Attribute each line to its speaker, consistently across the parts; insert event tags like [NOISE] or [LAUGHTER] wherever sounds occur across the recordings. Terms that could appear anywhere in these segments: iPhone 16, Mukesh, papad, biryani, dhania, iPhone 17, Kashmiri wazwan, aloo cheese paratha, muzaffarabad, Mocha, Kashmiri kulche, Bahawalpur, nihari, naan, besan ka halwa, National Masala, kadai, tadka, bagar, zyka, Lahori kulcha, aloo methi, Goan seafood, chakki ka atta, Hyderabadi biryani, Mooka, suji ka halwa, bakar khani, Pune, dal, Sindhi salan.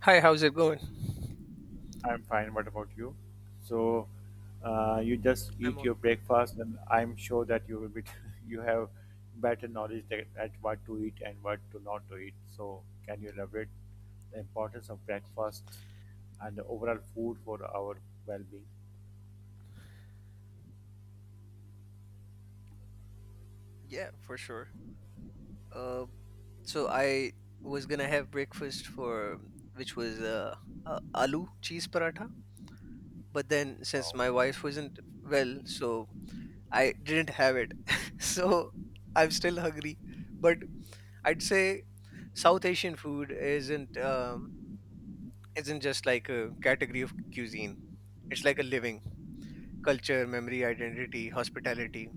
Speaker 1: Hi, how's it going?
Speaker 2: I'm fine. What about you? So, you just
Speaker 1: I'm
Speaker 2: eat
Speaker 1: all
Speaker 2: your breakfast, and I'm sure that you will be [LAUGHS] you have better knowledge that, at what to eat and what to not to eat. So, can you elaborate the importance of breakfast and the overall food for our well-being?
Speaker 1: yeah, for sure. Uh, so I was gonna have breakfast for which was aloo cheese paratha, but then since
Speaker 2: Wow.
Speaker 1: my wife wasn't well, so I didn't have it. [LAUGHS] So I'm still hungry, but I'd say South Asian food isn't just like a category of cuisine. It's like a living culture, memory, identity, hospitality.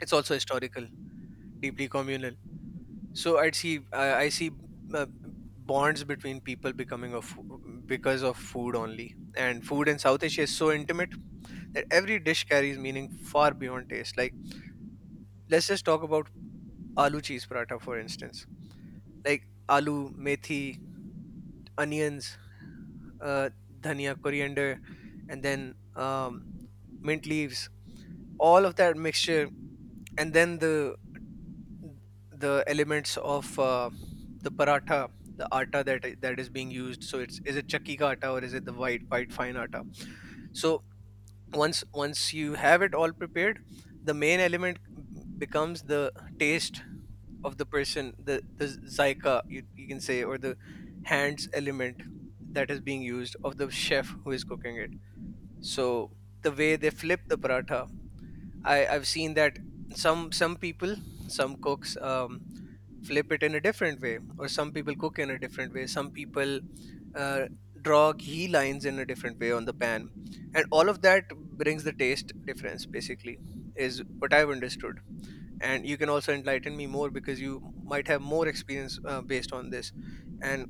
Speaker 1: It's also historical, deeply communal, so I see uh, bonds between people becoming of because of food only. And food in south asia is so intimate that every dish carries meaning far beyond taste. Like, let's just talk about aloo cheese paratha for instance. Like aloo methi, onions, uh, dhania, coriander, and then mint leaves, all of that mixture, and then the elements of the paratha, the atta that that is being used. So it's, is it chakki ka atta or is it the white fine atta? So once you have it all prepared, the main element becomes the taste of the person, the zyka, you can say, or the hands element that is being used of the chef who is cooking it. So the way they flip the paratha, I've seen that some people, some cooks. Flip it in a different way, or some people cook in a different way. Some people uh, draw ghee lines in a different way on the pan, and all of that brings the taste difference, basically, is what I've understood. And you can also enlighten me more because you might have more experience based on this. And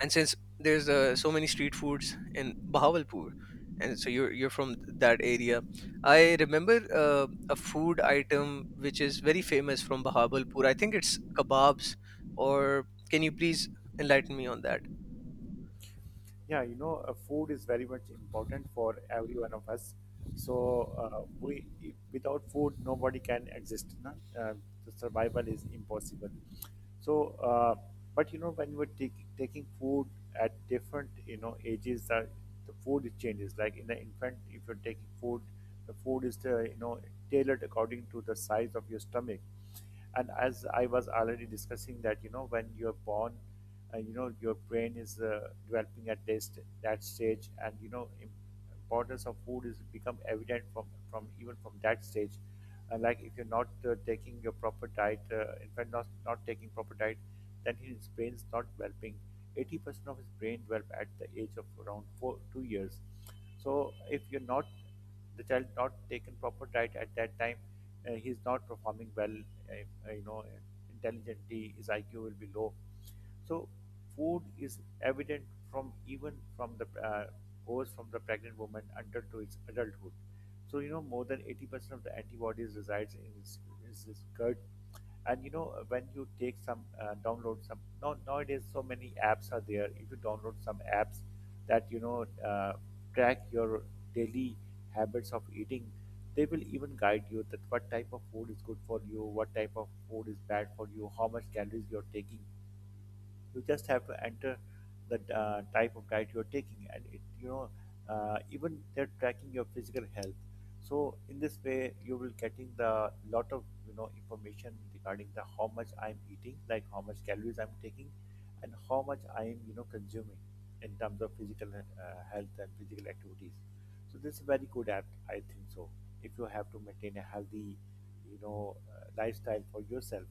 Speaker 1: since there's so many street foods in Bahawalpur, and so you're from that area, I remember a food item which is very famous from Bahawalpur. I think it's kebabs. Or can you please enlighten me on that?
Speaker 2: Yeah, food is very much important for every one of us. So we, if- without food, nobody can exist. No? The survival is impossible. So, but when taking food at different, ages, the food it changes. Like in the infant, if you're taking food, the food is, tailored according to the size of your stomach. And as I was already discussing that when you're born, your brain is developing at this that stage. And importance of food is become evident from even from that stage. Like if you're not taking your proper diet, in fact not taking proper diet, then his brain's not developing. 80% of his brain develop at the age of around four, 2 years. So if you're not, the child not taken proper diet at that time, he's not performing well, intelligently his IQ will be low. So food is evident from, even from the, goes from the pregnant woman until to its adulthood. So more than 80% of the antibodies resides in its, is its gut. And when you take some, download some, nowadays so many apps are there. If you download some apps that track your daily habits of eating, they will even guide you that what type of food is good for you, what type of food is bad for you, how much calories you're taking. You just have to enter the, type of diet you're taking, and it even they're tracking your physical health. So in this way you will getting the lot of information regarding the how much I'm eating, like how much calories I'm taking, and how much I am consuming in terms of physical, health and physical activities. So this is a very good app I think so, if you have to maintain a healthy, lifestyle for yourself.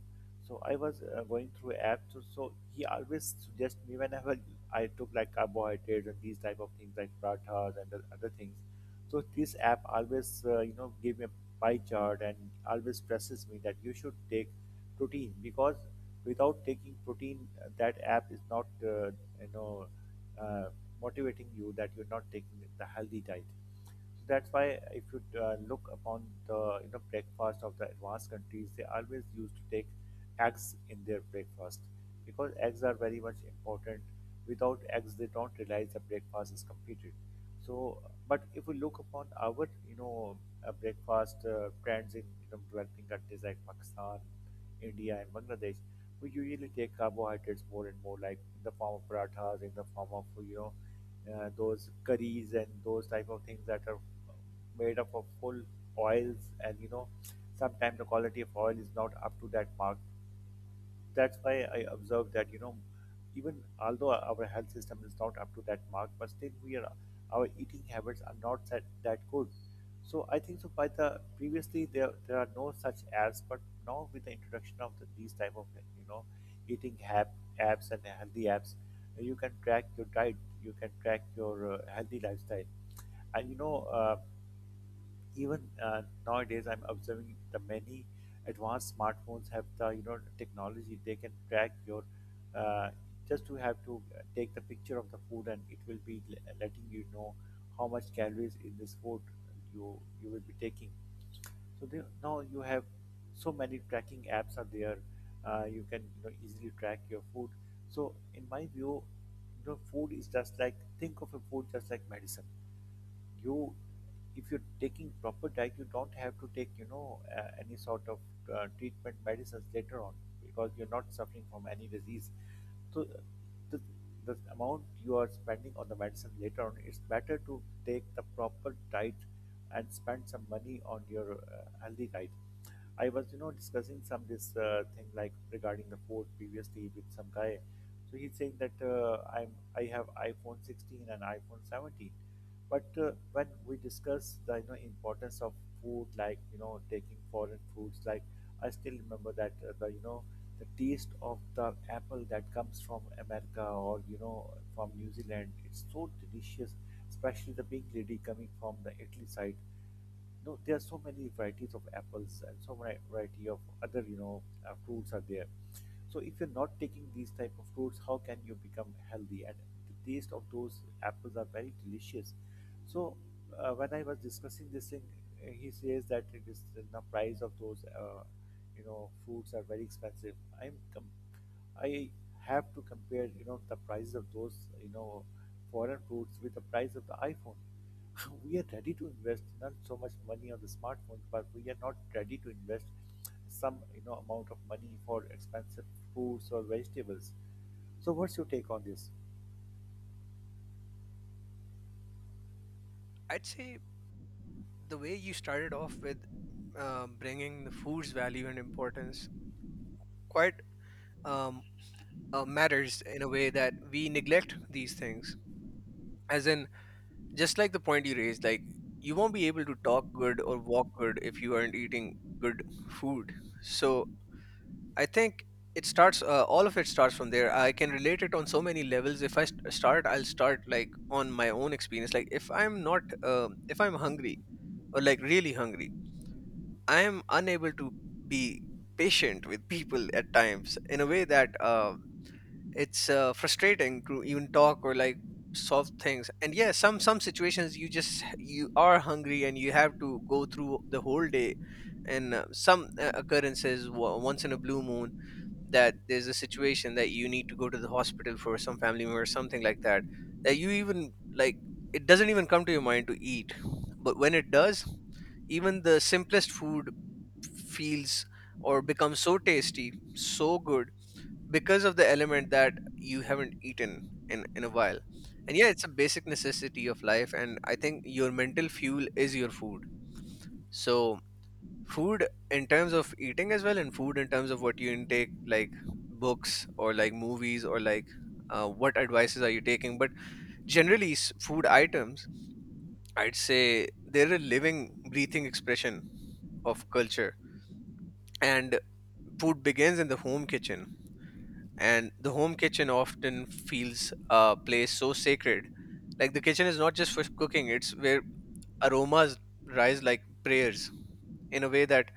Speaker 2: So I was going through apps. So he always suggests me whenever I took like carbohydrates and these type of things like pratas and the other things. So this app always give me a pie chart and always presses me that you should take protein, because without taking protein, that app is not you know uh, motivating you that you're not taking the healthy diet. So that's why if you look upon the breakfast of the advanced countries, they always used to take eggs in their breakfast, because eggs are very much important. Without eggs, they don't realize the breakfast is completed. So, but if we look upon our breakfast, trends in, you know, developing countries like Pakistan, India, and Bangladesh, we usually take carbohydrates more and more, like in the form of parathas, in the form of those curries and those type of things that are made up of full oils, and sometimes the quality of oil is not up to that mark. That's why I observe that, you know, even although our health system is not up to that mark, but still we are, our eating habits are not that good. So I think so. By the previously there are no such apps, but now with the introduction of these type of eating hab apps and healthy apps, you can track your diet, you can track your healthy lifestyle, and even nowadays I'm observing the many advanced smartphones have the technology, they can track your, uh, just to have to take the picture of the food and it will be letting you know how much calories in this food you will be taking. So they, now you have so many tracking apps are there, you can easily track your food. So in my view, food is just like, think of a food just like medicine. You, if you're taking proper diet, you don't have to take any sort of treatment medicines later on, because you're not suffering from any disease. So, the, the amount you are spending on the medicine later on, it's better to take the proper diet and spend some money on your healthy diet. I was discussing some this thing like regarding the food previously with some guy. So he's saying that, I have iphone 16 and iphone 17. But when we discuss the importance of food, like taking foreign foods, like I still remember that the the taste of the apple that comes from America, or from New Zealand, it's so delicious, especially the pink lady coming from the Italy side. No, there are so many varieties of apples and so many variety of other, fruits are there. So if you're not taking these type of fruits, how can you become healthy? And the taste of those apples are very delicious. So, when I was discussing this thing, he says that it is the price of those, fruits are very expensive. I'm com- I have to compare, the price of those, foreign fruits with the price of the iPhone. [LAUGHS] We are ready to invest not so much money on the smartphones, but we are not ready to invest some, amount of money for expensive fruits or vegetables. So, what's your take on this?
Speaker 1: I'd say the way you started off with bringing the food's value and importance quite um, matters in a way that we neglect these things. As in, just like the point you raised, like you won't be able to talk good or walk good if you aren't eating good food. So I think it starts, all of it starts from there. I can relate it on so many levels. If I'll start like on my own experience. Like if I'm not if I'm hungry, or like really hungry, I am unable to be patient with people at times in a way that it's frustrating to even talk or like solve things. And yeah, some situations you just, you are hungry and you have to go through the whole day. And some occurrences, once in a blue moon, that there's a situation that you need to go to the hospital for some family member or something like that, that you even like, it doesn't even come to your mind to eat. But when it does, even the simplest food feels, or becomes so tasty, so good, because of the element that you haven't eaten in a while. And yeah, it's a basic necessity of life, and I think your mental fuel is your food. So food in terms of eating as well, and food in terms of what you intake, like books or like movies or like, what advices are you taking. But generally, food items, I'd say they're a living, breathing expression of culture. And food begins in the home kitchen, and the home kitchen often feels a place so sacred. Like the kitchen is not just for cooking, it's where aromas rise like prayers, in a way that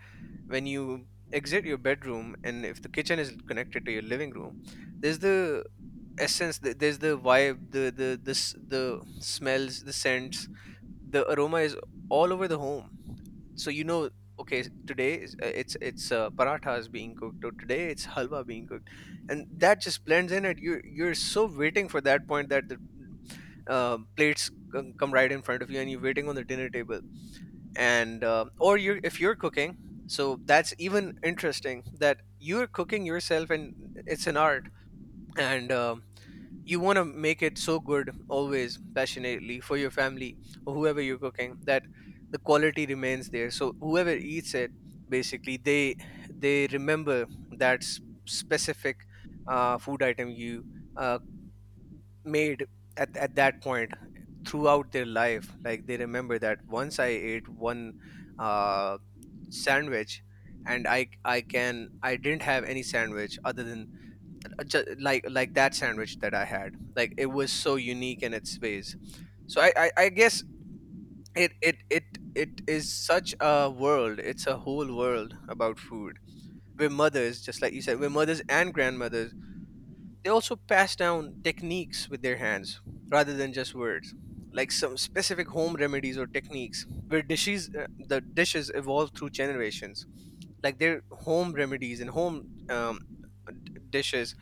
Speaker 1: when you exit your bedroom and if the kitchen is connected to your living room, there's the essence, there's the vibe, the smells, the scents, the aroma is all over the home. So you know, okay, today it's parathas being cooked, or today it's halwa being cooked. And that just blends in it. You, you're so waiting for that point that the plates come right in front of you and you're waiting on the dinner table. And or you, if you're cooking, so that's even interesting that you're cooking yourself. And it's an art. And you want to make it so good always, passionately, for your family or whoever you're cooking, that the quality remains there. So whoever eats it, basically, they remember that specific food item you uh, made at that point throughout their life. Like they remember that once I ate one uh, sandwich, and I can, I didn't have any sandwich other than just like that sandwich that I had. Like it was so unique in its ways. So I guess it is such a world. It's a whole world about food. Where mothers, just like you said, where mothers and grandmothers, they also pass down techniques with their hands rather than just words. Like some specific home remedies or techniques, where dishes, the dishes evolve through generations. Like their home remedies and home dishes,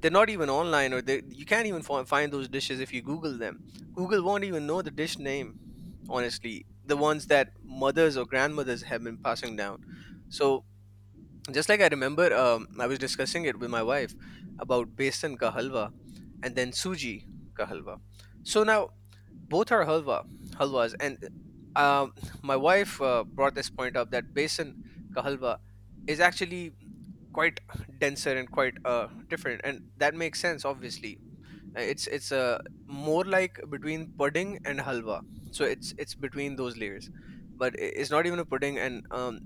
Speaker 1: they're not even online, or they, you can't even find those dishes if you google them. Google won't even know the dish name, honestly, the ones that mothers or grandmothers have been passing down. So just like I remember, I was discussing it with my wife about besan ka halwa, and then suji ka halwa. So now both are halwa, halwas, and um, my wife brought this point up, that besan ka halwa is actually quite denser and quite different, and that makes sense obviously. It's more like between pudding and halwa. So it's between those layers, but it's not even a pudding, and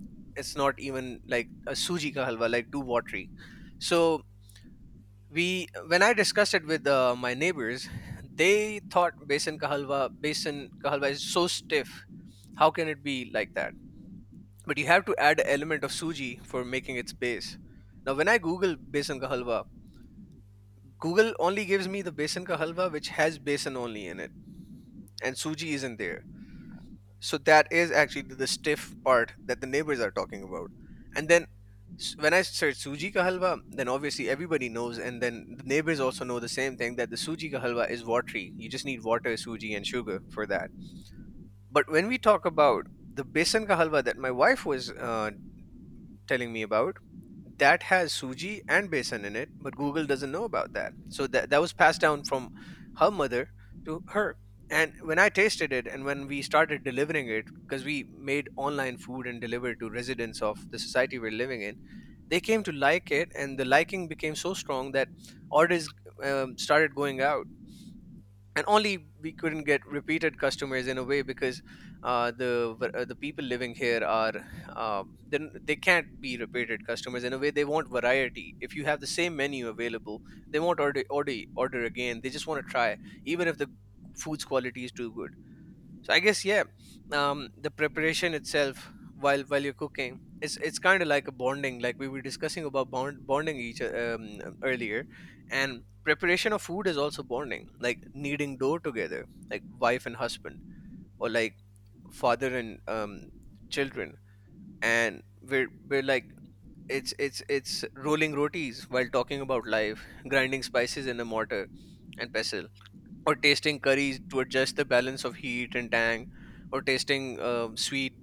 Speaker 1: it's not even like a suji ka halwa, like too watery. So we, when I discussed it with my neighbors, they thought besan ka halwa, besan ka halwa is so stiff, how can it be like that? But you have to add a element of suji for making its base. Now, when I Google besan ka halwa, Google only gives me the besan ka halwa which has besan only in it, and suji isn't there. So that is actually the stiff part that the neighbors are talking about. And then when I search suji ka halwa, then obviously everybody knows, and then the neighbors also know the same thing, that the suji ka halwa is watery. You just need water, suji, and sugar for that. But when we talk about the besan ka halwa that my wife was telling me about, that has suji and besan in it, but google doesn't know about that. So that was passed down from her mother to her. And when I tasted it, and when we started delivering it, because we made online food and delivered to residents of the society we're living in, they came to like it, and the liking became so strong that orders, started going out. And only we couldn't get repeated customers in a way, because the people living here are, then they can't be repeated customers in a way. They want variety. If you have the same menu available, they won't order order again, they just want to try, even if the food's quality is too good. So I guess, yeah, the preparation itself, while you're cooking, it's kind of like a bonding, like we were discussing about bonding each earlier. And preparation of food is also bonding, like kneading dough together, like wife and husband, or like father and children. And we're like, it's rolling rotis while talking about life, grinding spices in a mortar and pestle, or tasting curries to adjust the balance of heat and tang, or tasting sweet,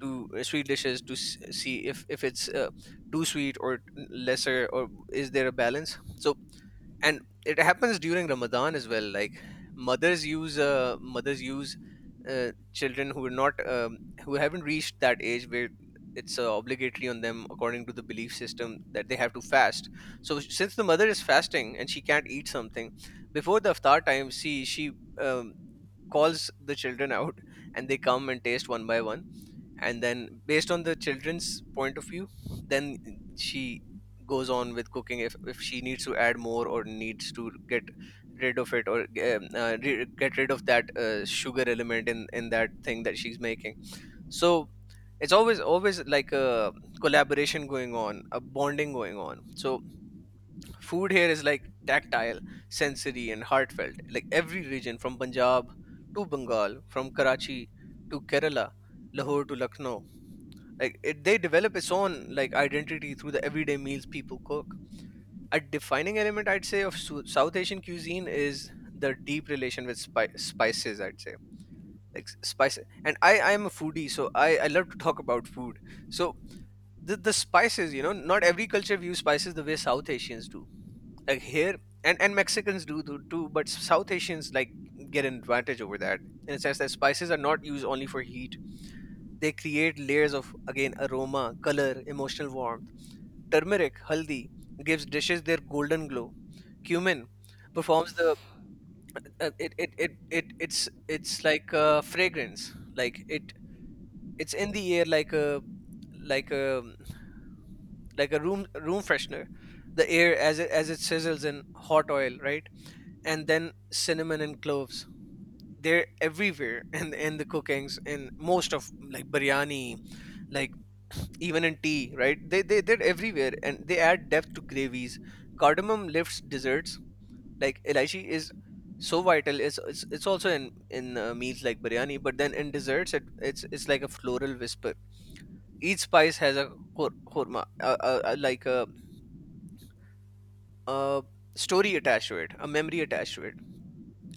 Speaker 1: to sweet dishes, to see if it's too sweet or lesser, or is there a balance? So, and it happens during Ramadan as well. Like mothers use, children who are not who haven't reached that age where it's obligatory on them according to the belief system, that they have to fast. So since the mother is fasting and she can't eat something before the iftar time she um, calls the children [LAUGHS] out, and they come and taste one by one. And then based on the children's point of view, then she goes on with cooking if she needs to add more or needs to get rid of it, or get rid of that sugar element in that thing that she's making. So it's always like a collaboration going on, a bonding going on. So food here is like tactile, sensory, and heartfelt. Like every region, from Punjab to Bengal, from Karachi to Kerala, Lahore to Lucknow, like they develop its own like identity through the everyday meals people cook. A defining element, I'd say, of South Asian cuisine is the deep relation with spices, I'd say. Like spices, and I am a foodie, so I love to talk about food. So the spices, you know, not every culture views spices the way South Asians do. Like here, and Mexicans do too, but South Asians like get an advantage over that, in a sense that spices are not used only for heat. They create layers of, again, aroma, color, emotional warmth. Turmeric, haldi, gives dishes their golden glow. Cumin performs the uh, it, it it it it's it's like a fragrance, like it, it's in the air like a, like a like a room freshener, the air, as it, as it sizzles in hot oil, right? And then cinnamon and cloves, they're everywhere [LAUGHS] in the cookings, in most of like biryani, like [SNIFFS] even in tea, right? They're everywhere, and they add depth to gravies. Cardamom lifts desserts. Like elaichi is so vital. It's also in meals like biryani, but then in desserts, it's like a floral whisper. Each spice has a khor- khorma uh, uh, uh, like a, a story attached to it, a memory attached to it,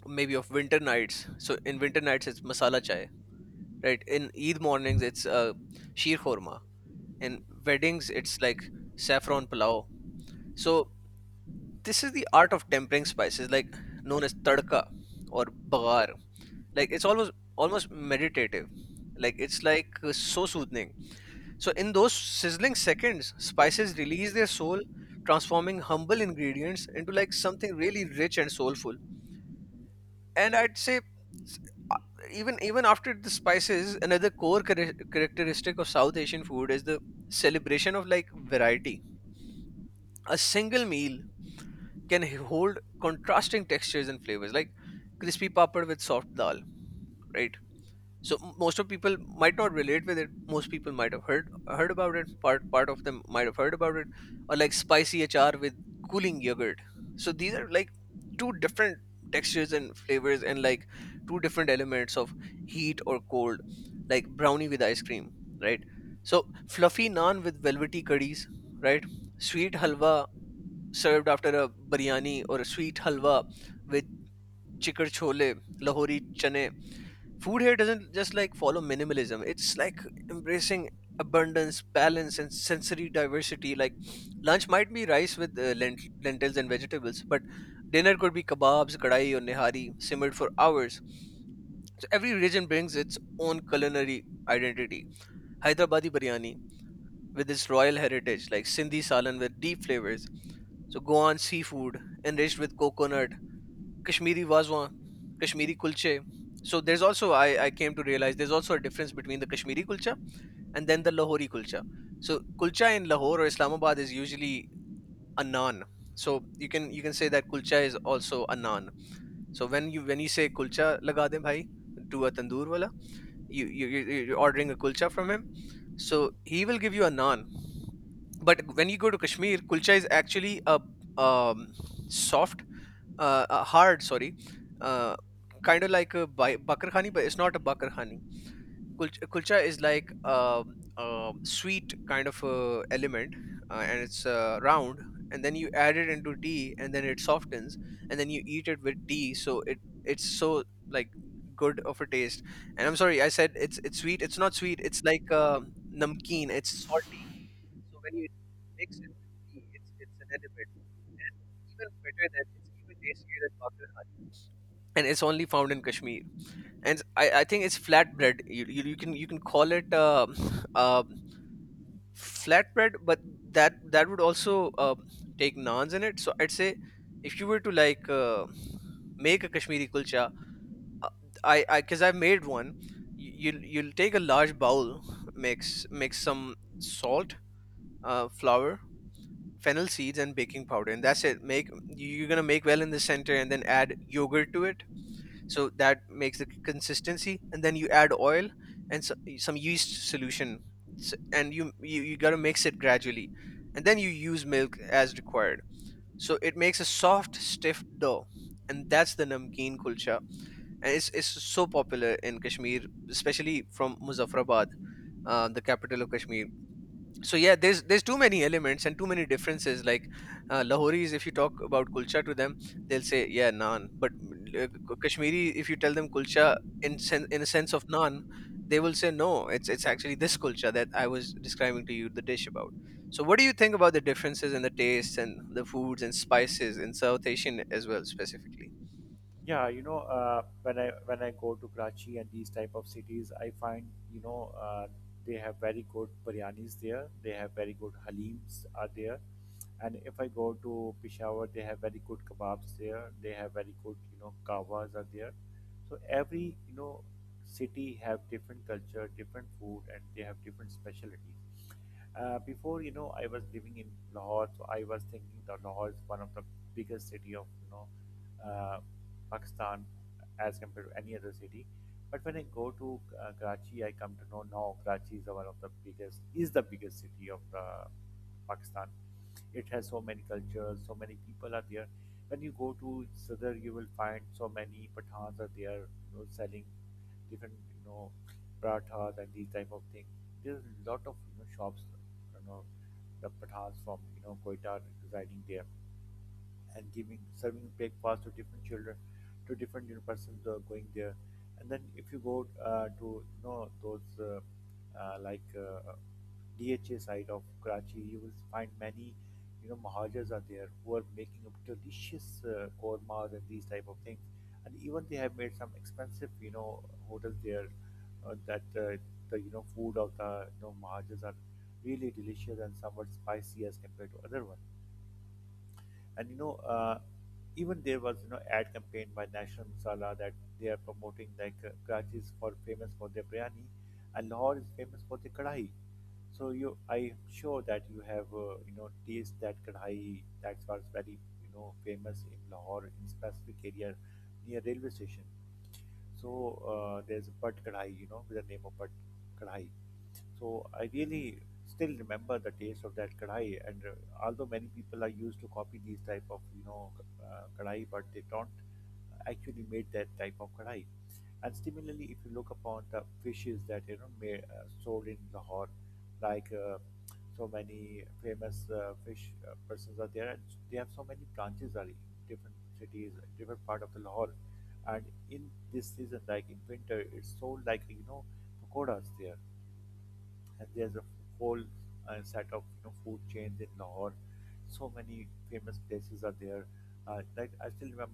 Speaker 1: maybe of winter nights. So in winter nights, it's masala chai, right? In Eid mornings, it's sheer korma. In weddings, it's like saffron pulao. So this is the art of tempering spices, like known as tadka or bagar. Like it's almost meditative. Like it's like so soothing. So in those sizzling seconds, spices release their soul, transforming humble ingredients into like something really rich and soulful. And I'd say, even after the spices, another core characteristic of South Asian food is the celebration of like variety. A single meal can hold contrasting textures and flavors, like crispy papad with soft dal, right? So most of people might not relate with it, most people might have heard, heard about it part part of them might have heard about it. Or like spicy hr with cooling yogurt. So these are like two different textures and flavors, and like two different elements of heat or cold, like brownie with ice cream, right? So fluffy naan with velvety curries, right? Sweet halwa served after a biryani, or a sweet halwa with chikar chole, lahori chane. Food here doesn't just like follow minimalism, it's like embracing abundance, balance, and sensory diversity. Like lunch might be rice with lentils and vegetables, but dinner could be kebabs, kadai, or nihari simmered for hours. So every region brings its own culinary identity. Hyderabadi biryani with its royal heritage, like Sindhi salan with deep flavors. So Goan seafood enriched with coconut, Kashmiri wazwan, Kashmiri kulche. So there's also, I came to realize there's also a difference between the Kashmiri kulcha and then the Lahori kulcha. So kulcha in Lahore or Islamabad is usually a naan. So you can, you can say that kulcha is also a naan. So when you, when you say kulcha laga de bhai to a tandoor wala, you are ordering a kulcha from him. So he will give you a naan. But when you go to Kashmir, kulcha is actually a um, soft, hard, sorry, uh, kind of like a bakar khani, but it's not a bakar khani. Kulcha is like a sweet kind of element, and it's round. And then you add it into tea and then it softens, and then you eat it with tea. So it it's so like good of a taste. And I'm sorry, I said it's sweet. It's not sweet, it's like namkeen, it's salty. So when you mix it with tea, it's an element even better than, it's even tastier than Bakar Khan. And it's only found in Kashmir. And I think it's flatbread. You can, you can call it [SNIFFS] uh, [LAUGHS] flatbread, but that would also uh, take naans in it. So I'd say, if you were to like make a Kashmiri kulcha, uh, I because I've made one. You'll take a large bowl, mix some salt, flour, fennel seeds, and baking powder. And that's it. Make, you're going to make well in the center, and then add yogurt to it, so that makes the consistency. And then you add oil and so, some yeast solution. And you got to mix it gradually, and then you use milk as required. So it makes a soft stiff dough, and that's the namkeen kulcha. And it's so popular in Kashmir, especially from Muzaffarabad, the capital of Kashmir. So yeah, there's too many elements and too many differences. Like Lahoris, if you talk about kulcha to them, they'll say yeah, naan. But uh, Kashmiri, if you tell them kulcha in in a sense of naan, they will say no, it's, it's actually this kulcha that I was describing to you, the dish about. So what do you think about the differences in the tastes and the foods and spices in South Asian as well, specifically?
Speaker 2: Yeah, when I go to Karachi and these type of cities, I find you know uh, they have very good biryanis there. They have very good halims are there, and if I go to Peshawar, they have very good kebabs there. They have very good kawas are there. So every city have different culture, different food, and they have different specialties. Before I was living in Lahore, so I was thinking that Lahore is one of the biggest city of uh, Pakistan as compared to any other city. But when I go to Karachi, I come to know now Karachi is one of the biggest city of Pakistan. It has so many cultures, so many people are there. When you go to Sadr, you will find so many Pathans are there, selling different, parathas and these type of things. There's a lot of shops, you know, the parathas from Quetta residing there and giving serving breakfast to different children, to different, you know, persons, going there. And then if you go, to those like, DHA side of Karachi, you will find many mahajers are there who are making up delicious kormas and these type of things. And even they have made some expensive hotels there, that the food of the mahajers are really delicious and somewhat spicy as compared to other one. And even there was ad campaign by National Masala that they are promoting like, Karachi is for famous for their biryani, and Lahore is famous for the kadai. So I'm sure that you have taste that kadai that was very famous in Lahore in specific area near railway station. So there's a pat kadai with the name of pat kadai. So I really still remember the taste of that kadai. And although many people are used to copy these type of kadai, but they don't actually made that type of kadai. And similarly, if you look upon the fishes that made, sold in Lahore, like so many famous fish persons are there, and they have so many branches are in different cities, different part of the Lahore. And in this season, like in winter, it's sold like pakoras there, and there's a whole set of food chains in Lahore. So many famous places are there. Like I still remember